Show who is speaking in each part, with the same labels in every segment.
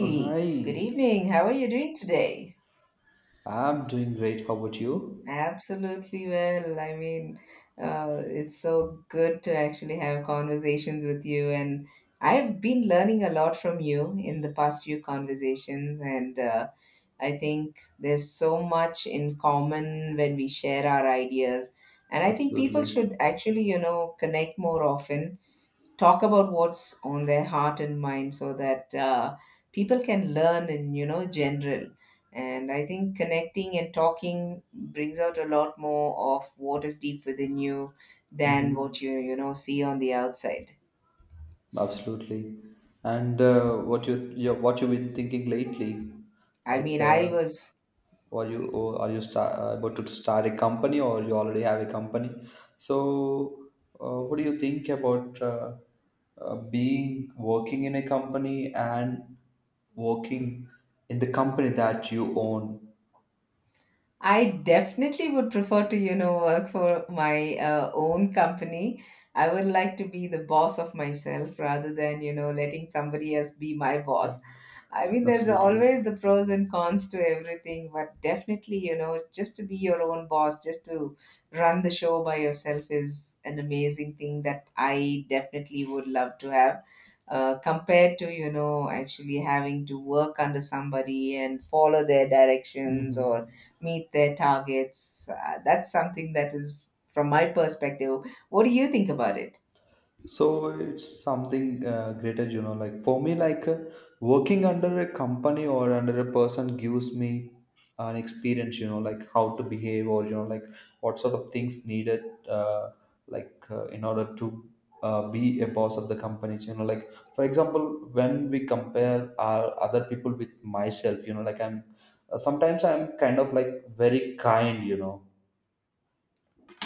Speaker 1: Oh, hi.
Speaker 2: good evening. How are you doing today?
Speaker 1: I'm doing great. How about you?
Speaker 2: Absolutely well. It's so good to actually have conversations with you, and I've been learning a lot from you in the past few conversations, and I think there's so much in common when we share our ideas. And I think people should
Speaker 1: Absolutely.
Speaker 2: actually, you know, connect more often, talk about what's on their heart and mind, so that people can learn in, you know, general. And I think connecting and talking brings out a lot more of what is deep within you than
Speaker 1: Hmm.
Speaker 2: what you know, see on the outside.
Speaker 1: Absolutely. And what you've been thinking lately?
Speaker 2: i
Speaker 1: Like,
Speaker 2: mean i was
Speaker 1: are you, or are you about to start a company, or you already have a company? So, what do you think about being working in a company, and working in the company that you own?
Speaker 2: I definitely would prefer to, you know, work for my own company. I would like to be the boss of myself rather than, you know, letting somebody else be my boss. I mean, there's
Speaker 1: Absolutely.
Speaker 2: always the pros and cons to everything, but definitely, you know, just to be your own boss, just to run the show by yourself is an amazing thing that I definitely would love to have. Compared to, you know, actually having to work under somebody and follow their directions or
Speaker 1: Mm-hmm.
Speaker 2: meet their targets. That's something that is, from my perspective, what do you think about it?
Speaker 1: So it's something greater, you know, like for me, like, working under a company or under a person gives me an experience, you know, like how to behave, or you know, like what sort of things needed, uh, like, in order to be a boss of the company, you know, like for example when we compare our other people with myself, you know, like I'm sometimes I'm kind of like very kind, you know,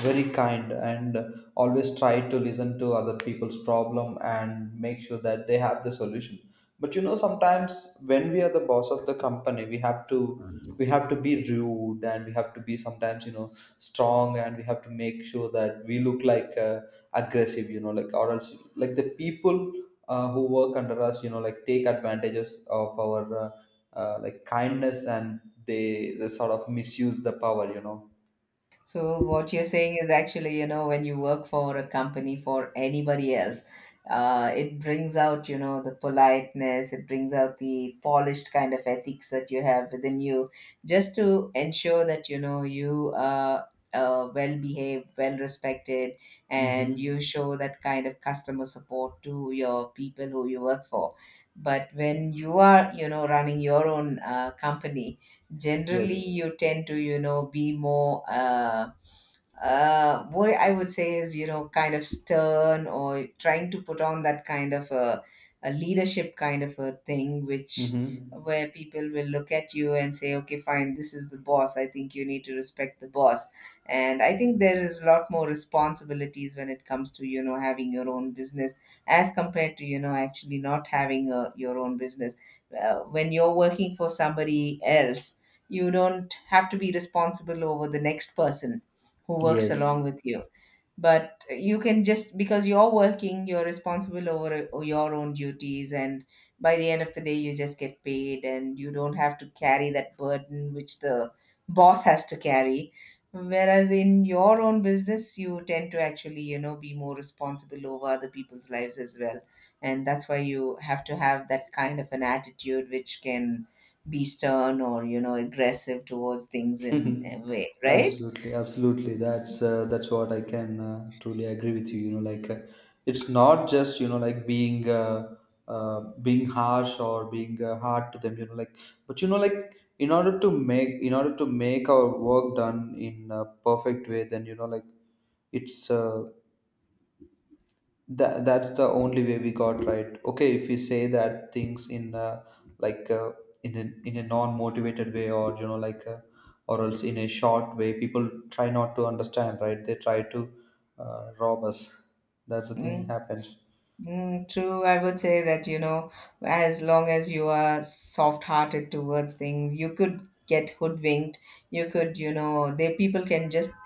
Speaker 1: very kind, and always try to listen to other people's problem and make sure that they have the solution. But you know sometimes when we are the boss of the company, we have to be rude, and we have to be sometimes, you know, strong, and we have to make sure that we look like aggressive, you know, like, or else like the people who work under us, you know, like take advantages of our like kindness, and they sort of misuse the power, you know.
Speaker 2: So what you're saying is actually, you know, when you work for a company for anybody else, it brings out, you know, the politeness, it brings out the polished kind of ethics that you have within you, just to ensure that, you know, you are well behaved, well respected, and you
Speaker 1: Mm-hmm.
Speaker 2: show that kind of customer support to your people who you work for. But when you are, you know, running your own company, generally
Speaker 1: Yes.
Speaker 2: you tend to, you know, be more what I would say is, you know, kind of stern, or trying to put on that kind of a leadership kind of a thing, which
Speaker 1: Mm-hmm.
Speaker 2: where people will look at you and say, okay, fine, this is the boss, I think you need to respect the boss. And I think there is a lot more responsibilities when it comes to, you know, having your own business as compared to, you know, actually not having a, your own business. When you're working for somebody else, you don't have to be responsible over the next person who works
Speaker 1: Yes.
Speaker 2: along with you, but you can, just because you're working, you're responsible over your own duties, and by the end of the day you just get paid and you don't have to carry that burden which the boss has to carry. Whereas in your own business you tend to actually, you know, be more responsible over other people's lives as well, and that's why you have to have that kind of an attitude which can be stern or, you know, aggressive towards things in a way, right?
Speaker 1: Absolutely, absolutely. That's what I can truly agree with you. You know, like it's not just, you know, like being being harsh or being hard to them. You know, like, but you know like in order to make our work done in a perfect way, then you know like it's, that's the only way we got, right? Okay, if we say that things in, like uh, in a non-motivated way, or you know like, or else in a short way, people try not to understand, right? They try to rob us. That's the thing
Speaker 2: Mm.
Speaker 1: happens.
Speaker 2: Mm, true, I would say that, you know, as long as you are soft-hearted towards things, you could get hoodwinked. You could, you know, they, people can just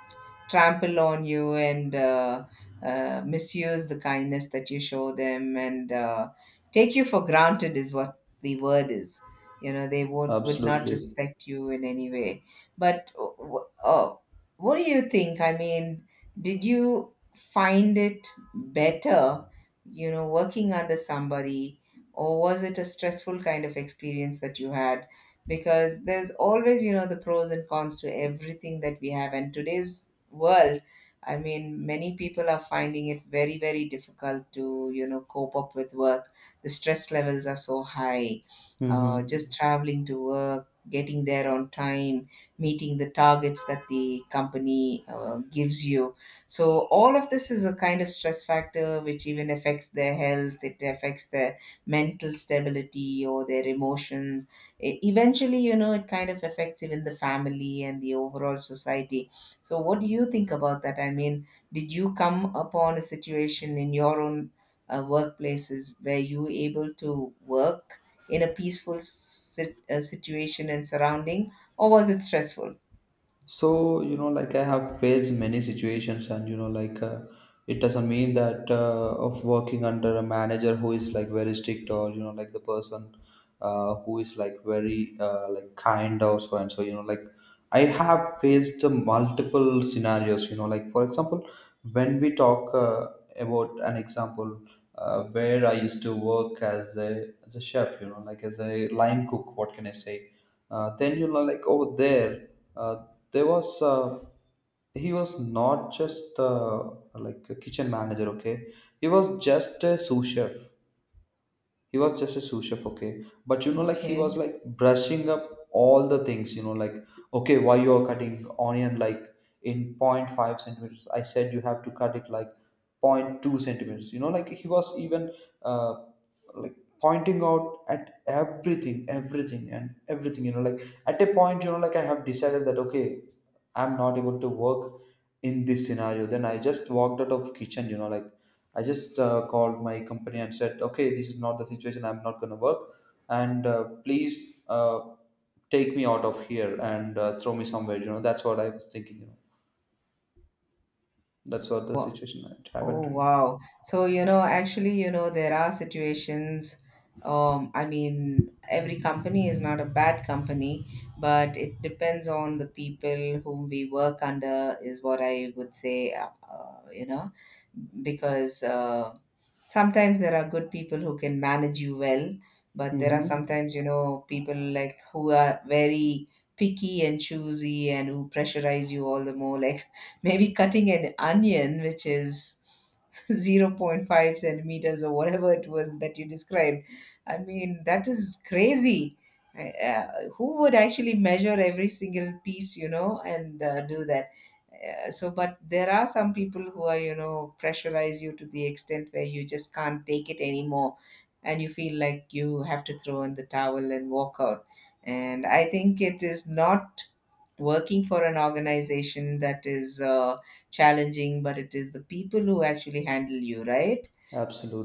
Speaker 2: trample on you and misuse the kindness that you show them, and take you for granted is what the word is. You know, they would not
Speaker 1: Absolutely.
Speaker 2: respect you in any way. But oh, what do you think? I mean, did you find it better? You know, working under somebody, or was it a stressful kind of experience that you had? Because there's always, you know, the pros and cons to everything that we have. And today's world, I mean, many people are finding it very, very difficult to, you know, cope up with work. The stress levels are so high. Just
Speaker 1: Mm-hmm.
Speaker 2: traveling to work, getting there on time, meeting the targets that the company gives you, so all of this is a kind of stress factor which even affects their health, it affects their mental stability or their emotions. Eventually, you know, it kind of affects even the family and the overall society. So what do you think about that? I mean, did you come upon a situation in your own workplaces where you were able to work in a peaceful situation and surrounding, or was it stressful?
Speaker 1: So you know like I have faced many situations, and you know like it doesn't mean that of working under a manager who is like very strict, or you know like the person who is like very like kind, or so and so, you know like. I have faced multiple scenarios, you know like for example when we talk, about an example, where I used to work as a chef, you know like as a line cook, what can I say. Then you know like, over there uh, there was, he was not just like a kitchen manager, okay. He was just a sous chef. He was just a sous chef, okay, but you know like he
Speaker 2: Okay.
Speaker 1: was like brushing up all the things, you know like, okay why you are cutting onion like in 0.5 centimeters, I said you have to cut it like 0.2 centimeters, you know like he was even uh, like pointing out at everything, everything and everything, you know like, at a point, you know like I have decided that okay I'm not able to work in this scenario. Then I just walked out of kitchen, you know like I just called my company and said, okay this is not the situation, I'm not going to work, and, please, take me out of here, and throw me somewhere, you know, that's what I was thinking, you know. That's what the
Speaker 2: Wow.
Speaker 1: situation that happened
Speaker 2: Oh,
Speaker 1: to me.
Speaker 2: wow. So, you know, actually, you know, there are situations. I mean, every company is not a bad company, but it depends on the people whom we work under, is what I would say, you know, because sometimes there are good people who can manage you well, but there are
Speaker 1: Mm-hmm.
Speaker 2: sometimes, you know, people like who are very picky and choosy and who pressurize you all the more. Like, maybe cutting an onion, which is zero point 0.5 centimeters or whatever it was that you described. I mean, that is crazy. I- Uh, who would actually measure every single piece, you know, and do that? So, but there are some people who are, you know, pressurize you to the extent where you just can't take it anymore, and you feel like you have to throw in the towel and walk out. And I think it is not working for an organization that is challenging, but it is the people who actually handle you, right?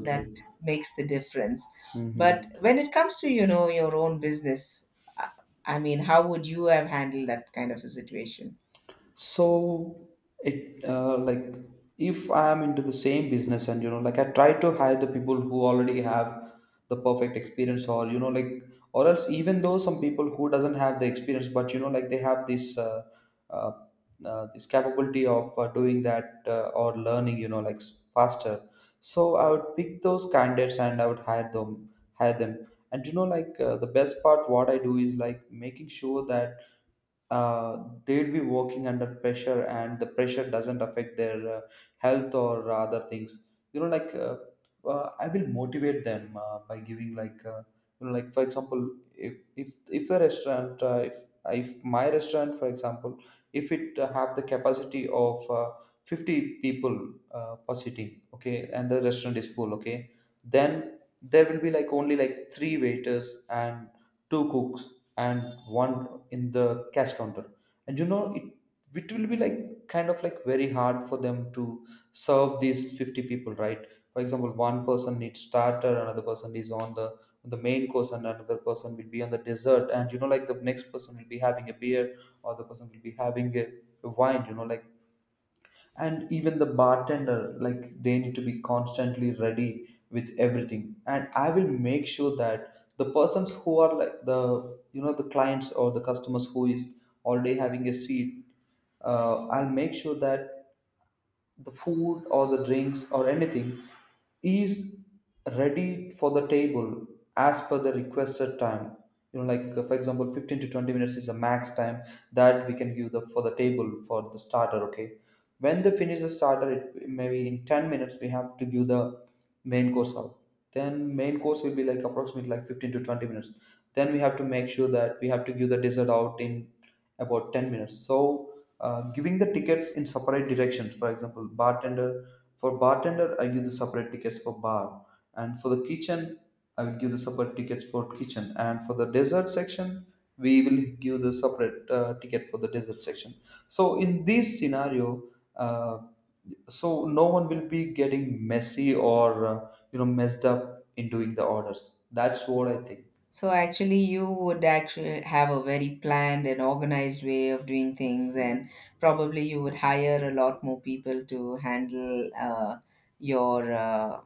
Speaker 2: That makes the difference. But
Speaker 1: Mm-hmm.
Speaker 2: when it comes to, you know, your own business, I I mean, how would you have handled that kind of a situation?
Speaker 1: So it, like, if I am into the same business, and you know like I try to hire the people who already have the perfect experience, or you know like, or else even though some people who doesn't have the experience, but you know like they have this, uh, this capability of doing that, or learning, you know like, faster. So I would pick those candidates, and I would hire them and you know like, the best part what I do is like making sure that they'd be working under pressure, and the pressure doesn't affect their health or other things, you know like, I will motivate them by giving like, you know like, for example, if a restaurant, if my restaurant for example, if it have the capacity of 50 people per sitting, okay, and the restaurant is full, okay, then there will be like only like three waiters, and two cooks, and one in the cash counter. And you know it will be like kind of like very hard for them to serve these 50 people, right? For example, one person needs starter, another person is on the main course, and another person will be on the dessert, and you know like, the next person will be having a beer, or the person will be having a wine, you know like, and even the bartender, like they need to be constantly ready with everything. And I will make sure that the persons who are like, the you know, the clients or the customers who is already having a seat, I'll make sure that the food or the drinks or anything is ready for the table as per the requested time. You know like, for example, 15 to 20 minutes is the max time that we can give the for the table for the starter, okay. When they finish the starter, it maybe in 10 minutes we have to give the main course out. Then main course will be like approximately like 15 to 20 minutes. Then we have to make sure that we have to give the dessert out in about 10 minutes. So giving the tickets in separate directions. For example bartender, for bartender I give the separate tickets for bar, and for the kitchen I will give the separate tickets for kitchen, and for the dessert section we will give the separate ticket for the dessert section. So in this scenario, uh, so no one will be getting messy, or you know messed up in doing the orders. That's what I think.
Speaker 2: So actually, you would actually have a very planned and organized way of doing things, and probably you would hire a lot more people to handle your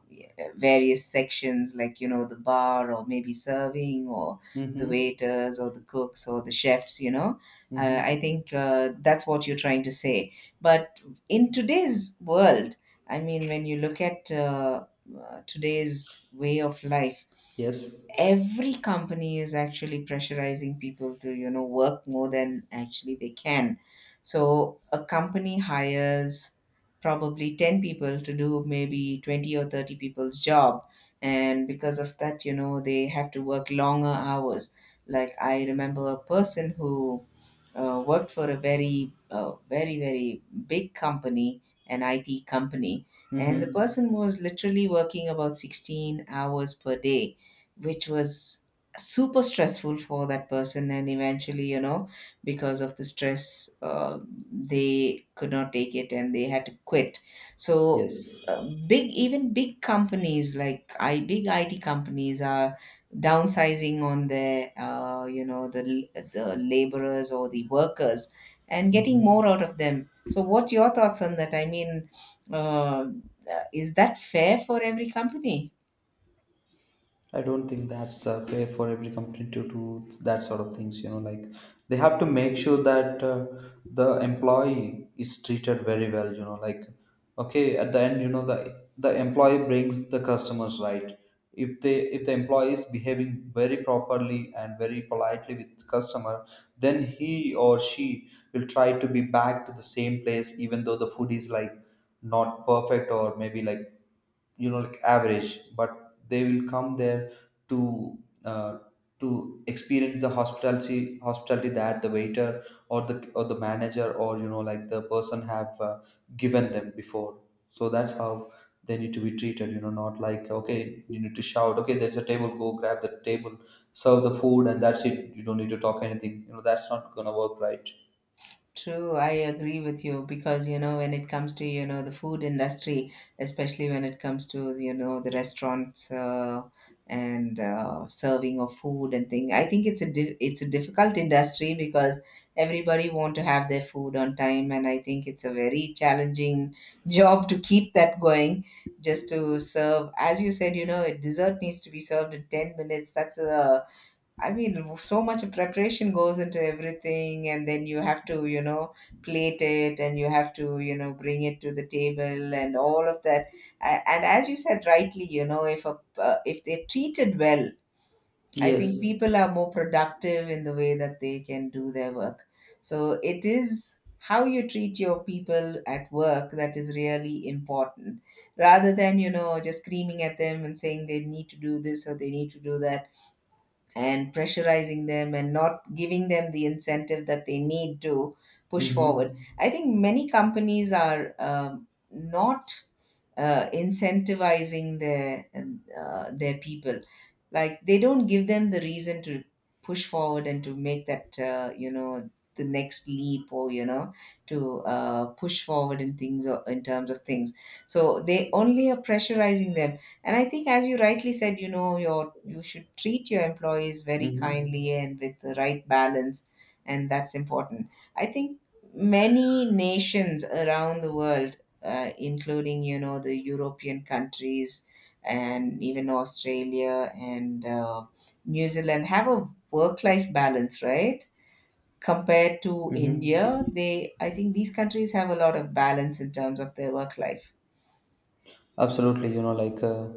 Speaker 2: various sections, like, you know, the bar, or maybe serving, or the
Speaker 1: Mm-hmm.
Speaker 2: waiters, or the cooks, or the chefs. You know,
Speaker 1: Mm-hmm.
Speaker 2: I think that's what you're trying to say. But in today's world, I mean, when you look at today's way of life,
Speaker 1: Yes.
Speaker 2: every company is actually pressurizing people to, you know, work more than actually they can. So a company hires probably 10 people to do maybe 20 or 30 people's job, and because of that, you know, they have to work longer hours. Like, I remember a person who worked for a very, very, very big company, an IT company, and the
Speaker 1: Mm-hmm.
Speaker 2: person was literally working about 16 hours per day, which was super stressful for that person. And eventually, you know, because of the stress, they could not take it and they had to quit. So,
Speaker 1: Yes.
Speaker 2: big, even big companies like big IT companies are downsizing on the you know, the laborers or the workers, and getting
Speaker 1: Mm-hmm.
Speaker 2: more out of them. So what's your thoughts on that? I mean, uh, is that fair for every company?
Speaker 1: I don't think that's fair for every company to do that sort of things. You know, like they have to make sure that the employee is treated very well. You know, like okay, at the end, you know, the employee brings the customers, right? If the employee is behaving very properly and very politely with customer, then he or she will try to be back to the same place, even though the food is like not perfect, or maybe like, you know like, average, but they will come there to uh, to experience the hospitality that the waiter or the manager, or you know like the person have given them before. So that's how they need to be treated, you know. Not like, okay you need to shout, okay there's a table, go grab the table, serve the food, and that's it, you don't need to talk anything, you know. That's not gonna work, right?
Speaker 2: True, I agree with you, because you know, when it comes to, you know, the food industry, especially when it comes to, you know, the restaurants and serving of food and thing, I think it's a it's a difficult industry because everybody want to have their food on time, and I think it's a very challenging job to keep that going. Just to serve, as you said, you know, a dessert needs to be served in 10 minutes. That's a I mean, so much preparation goes into everything, and then you have to, you know, plate it, and you have to, you know, bring it to the table and all of that. And as you said rightly, you know, if a, if they're treated well, I think
Speaker 1: Yes.
Speaker 2: people are more productive in the way that they can do their work. So it is how you treat your people at work that is really important, rather than, you know, just screaming at them and saying they need to do this or they need to do that, and pressurizing them and not giving them the incentive that they need to push forward.
Speaker 1: Mm-hmm.
Speaker 2: I think many companies are not incentivizing their people, like they don't give them the reason to push forward and to make that you know, the next leap, or you know, to push forward in things or in terms of things. So they only are pressurizing them, and I think as you rightly said, you know, your, you should treat your employees very
Speaker 1: Mm-hmm.
Speaker 2: kindly and with the right balance, and that's important. I think many nations around the world, including, you know, the European countries, and even Australia and New Zealand have a work-life balance, right? Compared to
Speaker 1: Mm-hmm.
Speaker 2: India, they, I think these countries have a lot of balance in terms of their work life.
Speaker 1: Absolutely, you know, like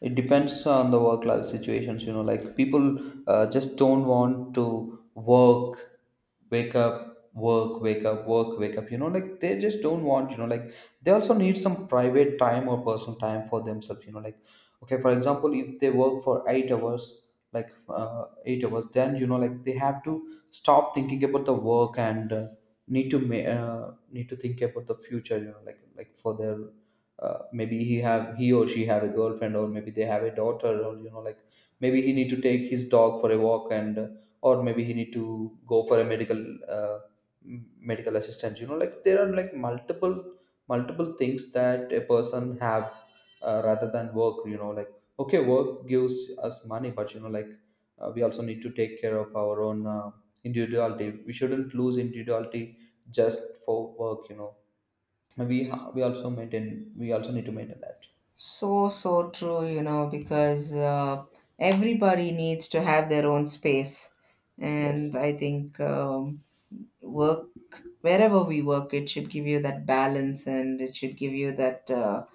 Speaker 1: it depends on the work life situations, you know, like people just don't want to work, wake up, work, wake up, work, wake up, you know, like they just don't want, you know, like they also need some private time or personal time for themselves, you know, like okay, for example, if they work for 8 hours, like 8 hours, then you know, like they have to stop thinking about the work and need to need to think about the future, you know, like for their maybe he or she have a girlfriend, or maybe they have a daughter, or you know like maybe he need to take his dog for a walk and or maybe he need to go for a medical uh, medical assistance, you know, like there are like multiple multiple things that a person have, rather than work, you know, like okay, work gives us money, but you know like we also need to take care of our own individuality. We shouldn't lose individuality just for work, you know. We also maintain we also need to maintain that.
Speaker 2: So, so true, you know, because everybody needs to have their own space. And
Speaker 1: Yes.
Speaker 2: I think work, wherever we work, it should give you that balance and it should give you that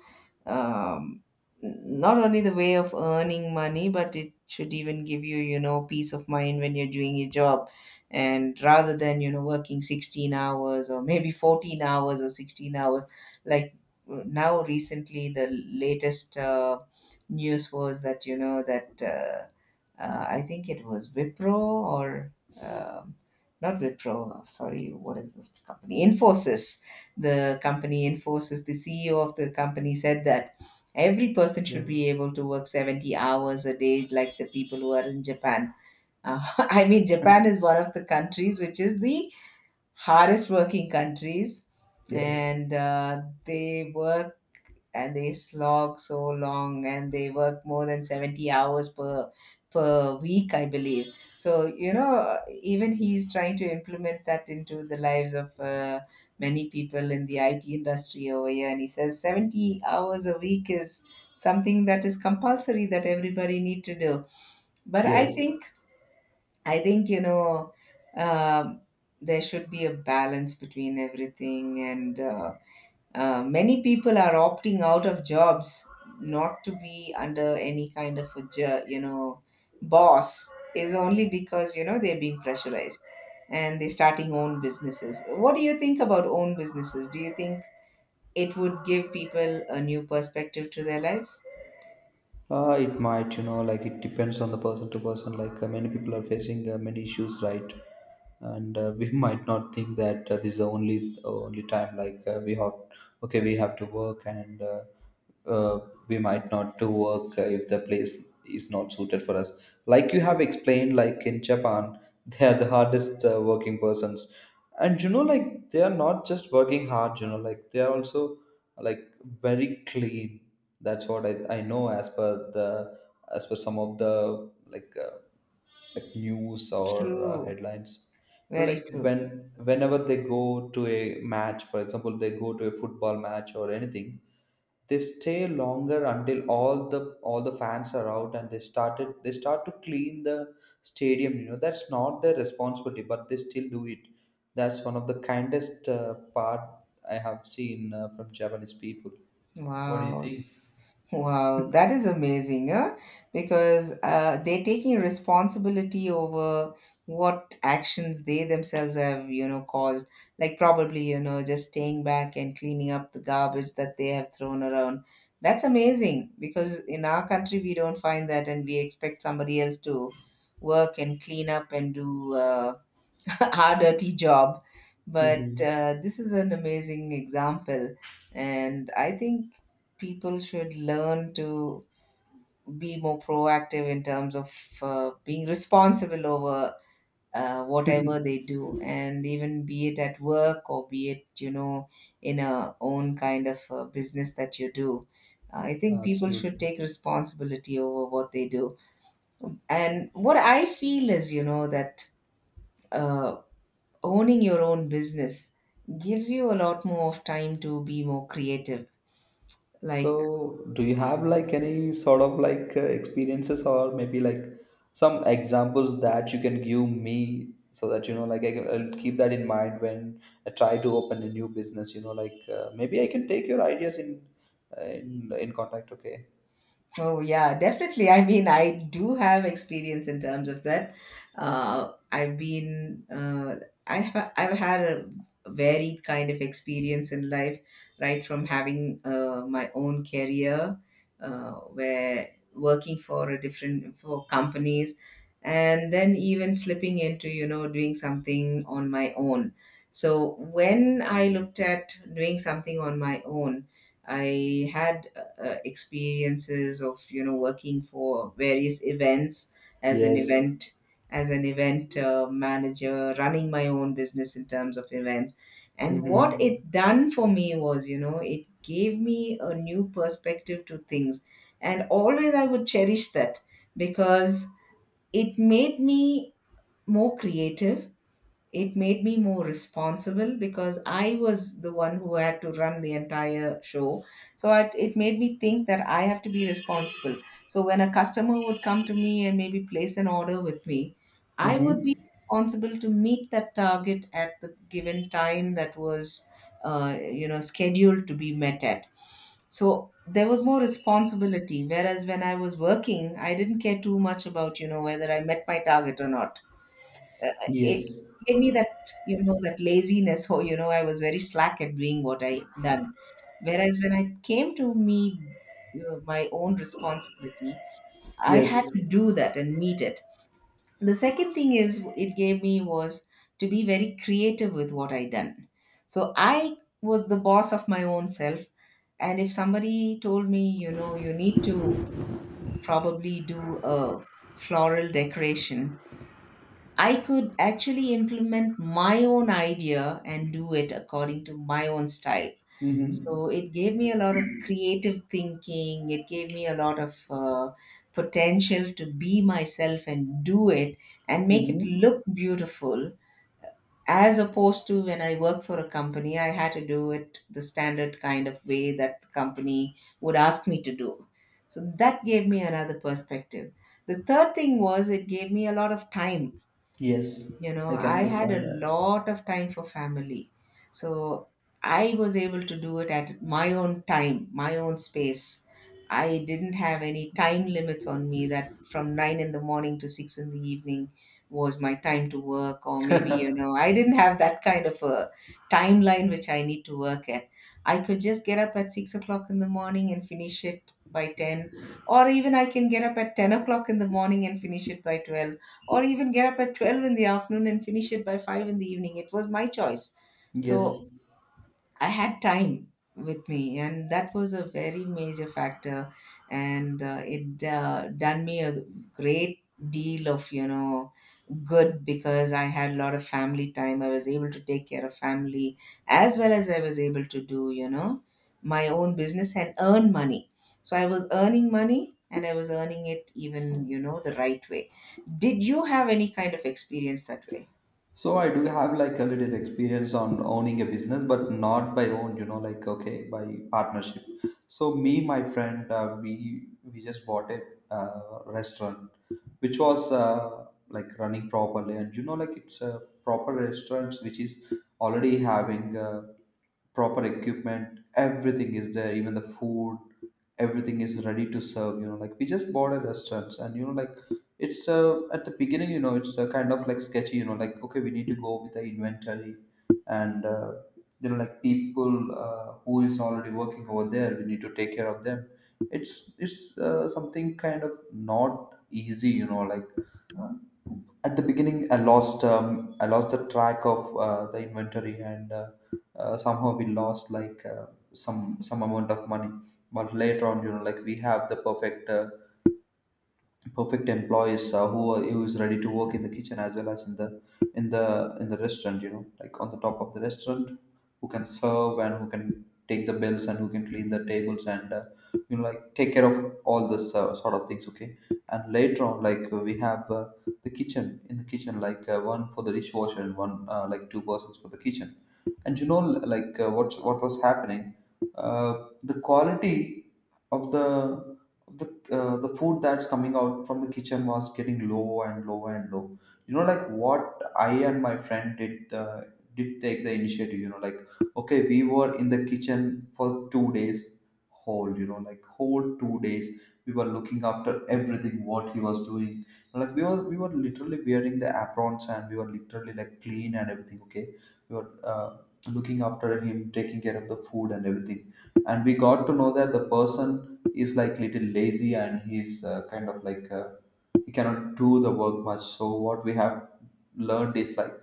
Speaker 2: um, not only the way of earning money, but it should even give you, you know, peace of mind when you're doing your job. And rather than, you know, working 16 hours or maybe 14 hours or 16 hours, like now recently, the latest news was that, you know, that I think it was Wipro or um not Wipro, sorry, what is this company? Infosys the company enforces. The CEO of the company said that every person should be
Speaker 1: Yes.
Speaker 2: able to work 70 hours a day, like the people who are in Japan. I mean, Japan is one of the countries which is the hardest working countries,
Speaker 1: Yes.
Speaker 2: and they work and they slog so long and they work more than 70 hours per week, I believe. So you know, even he's trying to implement that into the lives of many people in the IT industry over here, and he says 70 hours a week is something that is compulsory, that everybody need to do. But I
Speaker 1: Yes.
Speaker 2: think, you know, um, there should be a balance between everything. And many people are opting out of jobs, not to be under any kind of a you know, boss, is only because, you know, they're being pressurized, and they're starting own businesses. What do you think about own businesses? Do you think it would give people a new perspective to their lives?
Speaker 1: It might, you know, like it depends on the person to person. Like many people are facing many issues, right? And we might not think that this is the only time, like we have. Okay, we have to work. And uh, uh, we might not to work if the place is not suited for us, like you have explained. Like in Japan, they are the hardest working persons, and you know like they are not just working hard. You know, like they are also like very clean. That's what I know, as per the as per some of the like news or
Speaker 2: True,
Speaker 1: headlines. You know,
Speaker 2: very
Speaker 1: like
Speaker 2: true.
Speaker 1: whenever they go to a match, for example, they go to a football match or anything, they stay longer until all the fans are out, and they started they start to clean the stadium. You know, that's not their responsibility, but they still do it. That's one of the kindest part I have seen from Japanese people. What do you
Speaker 2: Wow.
Speaker 1: think?
Speaker 2: Wow, that is amazing, huh? Because they're taking responsibility over what actions they themselves have, you know, caused. Like probably, you know, just staying back and cleaning up the garbage that they have thrown around. That's amazing because in our country we don't find that, and we expect somebody else to work and clean up and do hard, dirty job. But
Speaker 1: Hmm.
Speaker 2: this is an amazing example. And I think people should learn to be more proactive in terms of being responsible over whatever they do. And even be it at work or be it, you know, in a own kind of business that you do. I think people should
Speaker 1: Absolutely.
Speaker 2: take responsibility over what they do. And what I feel is, you know, that uh, owning your own business gives you a lot more of time to be more creative, like.
Speaker 1: So, do you have like any sort of like experiences, or maybe like some examples that you can give me, so that you know like I'll keep that in mind when I try to open a new business? You know, like maybe I can take your ideas in, in contact, okay?
Speaker 2: Oh, yeah, definitely. I mean, I do have experience in terms of that. Uh, I've been, uh, I've had a varied kind of experience in life, right from having my own career, where working for a different, for companies, and then even slipping into, you know, doing something on my own. So when I looked at doing something on my own, I had experiences of, you know, working for various events as an
Speaker 1: Yes.
Speaker 2: event, as an event manager, running my own business in terms of events. And what
Speaker 1: Mm-hmm.
Speaker 2: it done for me was, you know, it gave me a new perspective to things, and always I would cherish that, because it made me more creative. It made me more responsible, because I was the one who had to run the entire show. So it made me think that I have to be responsible. So when a customer would come to me and maybe place an order with me, I would be
Speaker 1: Mm-hmm.
Speaker 2: responsible to meet that target at the given time that was, you know, scheduled to be met at. So there was more responsibility. Whereas when I was working, I didn't care too much about, you know, whether I met my target or not. It
Speaker 1: Yes.
Speaker 2: gave me that, you know, that laziness. Oh, you know, I was very slack at doing what I done. Whereas when I came to me My own responsibility, I had
Speaker 1: Yes.
Speaker 2: to do that and meet it. The second thing is it gave me was to be very creative with what I done. So I was the boss of my own self, and if somebody told me, you know, you need to probably do a floral decoration, I could actually implement my own idea and do it according to my own style. So
Speaker 1: Mm-hmm.
Speaker 2: it gave me a lot of creative thinking. It gave me a lot of potential to be myself and do it and make it
Speaker 1: Mm-hmm.
Speaker 2: look beautiful. As opposed to when I work for a company, I had to do it the standard kind of way that the company would ask me to do. So that gave me another perspective. The third thing was, it gave me a lot of time.
Speaker 1: Yes.
Speaker 2: You know,
Speaker 1: I can
Speaker 2: I had a
Speaker 1: understand
Speaker 2: lot of time for family. So I was able to do it at my own time, my own space. I didn't have any time limits on me, that from 9 in the morning to 6 in the evening was my time to work. Or maybe, you
Speaker 1: that.
Speaker 2: know, I didn't have that kind of a timeline which I need to work at. I could just get up at 6 o'clock in the morning and finish it by 10, or even I can get up at 10 o'clock in the morning and finish it by 12, or even get up at 12 in the afternoon and finish it by 5 in the evening. It was my choice. So
Speaker 1: Yes.
Speaker 2: I had time with me, and that was a very major factor, and it done me a great deal of, you know, good, because I had a lot of family time. I was able to take care of family as well as I was able to do, you know, my own business and earn money. So I was earning money, and I was earning it even, you know, the right way. Did you have any kind of experience that way?
Speaker 1: So I do have like a little experience on owning a business, but not by own, you know, like okay, by partnership. So me, my friend, uh, we just bought a restaurant, which was like running properly. And you know, like it's a proper restaurant which is already having proper equipment. Everything is there, even the food. Everything is ready to serve. You know, like we just bought a restaurant, and you know like it's at the beginning, you know, it's kind of like sketchy. You know, like okay, we need to go with the inventory, and you know, like people who is already working over there, we need to take care of them. It's something kind of not easy. You know, like uh, at the beginning, I lost I lost the track of the inventory. And somehow we lost like some amount of money. But later on, you know, like we have the perfect perfect employees, uh, who is ready to work in the kitchen as well as in the in the in the restaurant, you know, like on the top of the restaurant, who can serve, and who can take the bills, and who can clean the tables, and you know, like take care of all this sort of things, okay. And later on, like we have the kitchen, in the kitchen, like one for the dishwasher and one, like two persons for the kitchen. And you know, like what was happening, the quality of the of the the food that's coming out from the kitchen was getting low and low and low. You know, like what I and my friend did, did take the initiative. You know, like okay, we were in the kitchen for 2 days, whole, you know, like whole 2 days, we were looking after everything what he was doing. Like we were literally wearing the aprons, and we were literally like clean and everything, okay. We were looking after him, taking care of the food and everything. And we got to know that the person is like little lazy, and he's kind of like he cannot do the work much. So what we have learned is like,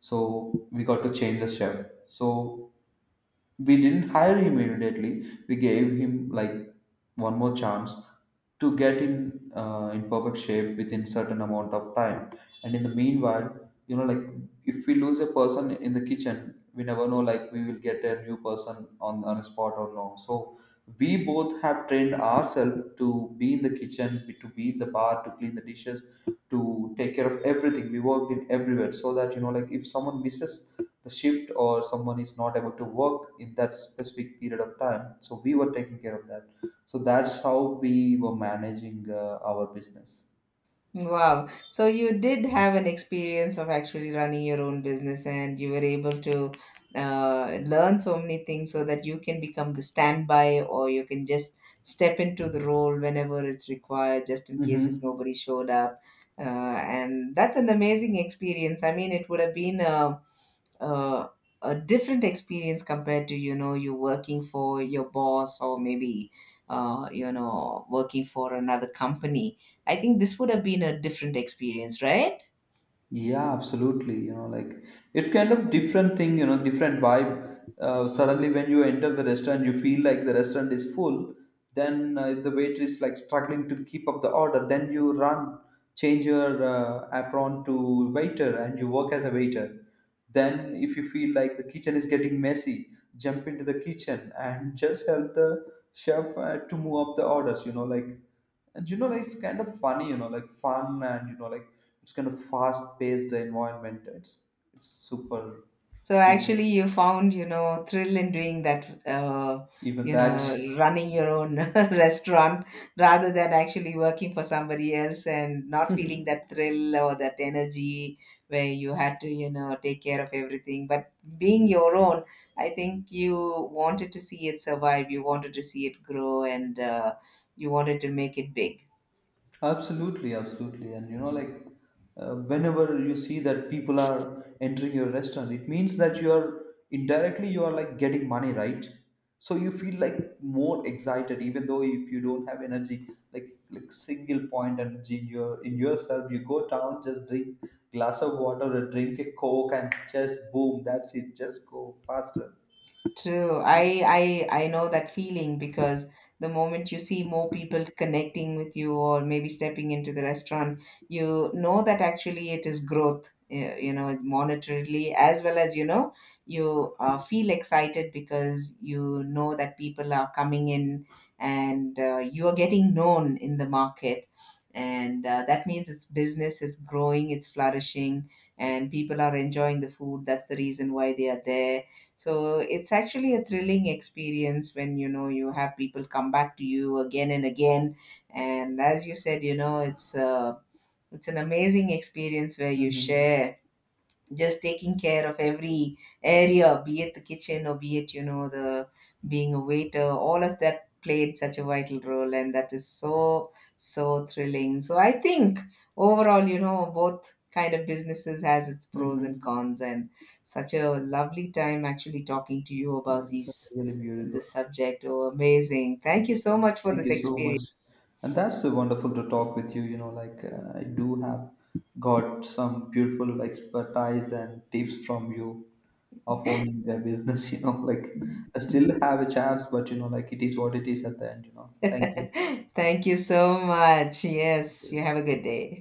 Speaker 1: so we got to change the chef. So we didn't hire him immediately. We gave him like one more chance to get in, in perfect shape within certain amount of time. And in the meanwhile, you know, like if we lose a person in the kitchen, we never know like we will get a new person on a spot or no. So we both have trained ourselves to be in the kitchen, to be in the bar, to clean the dishes, to take care of everything. We worked in everywhere, so that you know like if someone misses the shift, or someone is not able to work in that specific period of time, so we were taking care of that. So that's how we were managing our business.
Speaker 2: Wow. So you did have an experience of actually running your own business, and you were able to learn so many things so that you can become the standby, or you can just step into the role whenever it's required, just in case if
Speaker 1: Mm-hmm.
Speaker 2: nobody showed up. Uh, and that's an amazing experience. I mean, it would have been uh, a different experience compared to, you know, you working for your boss, or maybe you know, working for another company. I think this would have been a different experience, right?
Speaker 1: Yeah, absolutely. You know, like it's kind of different thing, you know, different vibe. Suddenly, when you enter the restaurant, you feel like the restaurant is full. Then the waiter is like struggling to keep up the order. Then you run, change your apron to waiter, and you work as a waiter. Then, if you feel like the kitchen is getting messy, jump into the kitchen and just help the chef to move up the orders. You know, like, and you know like it's kind of funny. You know, like fun, and you know like it's kind of fast paced, the environment. It's super
Speaker 2: So
Speaker 1: cool.
Speaker 2: actually, you found, you know, thrill in doing that,
Speaker 1: Even
Speaker 2: you
Speaker 1: that.
Speaker 2: know, running your own restaurant, rather than actually working for somebody else and not feeling that thrill or that energy, where you had to, you know, take care of everything. But being your own, I think you wanted to see it survive, you wanted to see it grow, and you wanted to make it big.
Speaker 1: Absolutely, absolutely. And you know, like whenever you see that people are entering your restaurant, it means that you are, indirectly you are like getting money, right? So you feel like more excited, even though if you don't have energy, like single point energy in your in yourself, you go down, just drink glass of water or drink a coke, and just boom, that's it. Just go faster.
Speaker 2: True. I know that feeling, because the moment you see more people connecting with you or maybe stepping into the restaurant, you know that actually it is growth, eh, you know, monetarily, as well as, you know, you feel excited because you know that people are coming in, and you are getting known in the market. And that means its business is growing, it's flourishing, and people are enjoying the food. That's the reason why they are there. So it's actually a thrilling experience when you know you have people come back to you again and again. And as you said, you know, it's an amazing experience, where you
Speaker 1: Mm-hmm.
Speaker 2: share, just taking care of every area, be it the kitchen, or be it, you know, the being a waiter, all of that played such a vital role. And that is so, so thrilling. So I think overall, you know, both kind of businesses has its pros and
Speaker 1: Mm-hmm.
Speaker 2: cons. And such a lovely time actually talking to you about
Speaker 1: That's
Speaker 2: these
Speaker 1: really beautiful.
Speaker 2: this subject. Oh, amazing. Thank you so much for
Speaker 1: Thank
Speaker 2: this
Speaker 1: you so
Speaker 2: experience.
Speaker 1: much. And that's wonderful to talk with you. You know, like I do have got some beautiful expertise and tips from you of owning a business. You know, like I still have a chance, but you know, like it is what it is at the end. You know, thank you.
Speaker 2: Thank you so much. Yes,
Speaker 1: Thank
Speaker 2: you have a
Speaker 1: you.
Speaker 2: good day.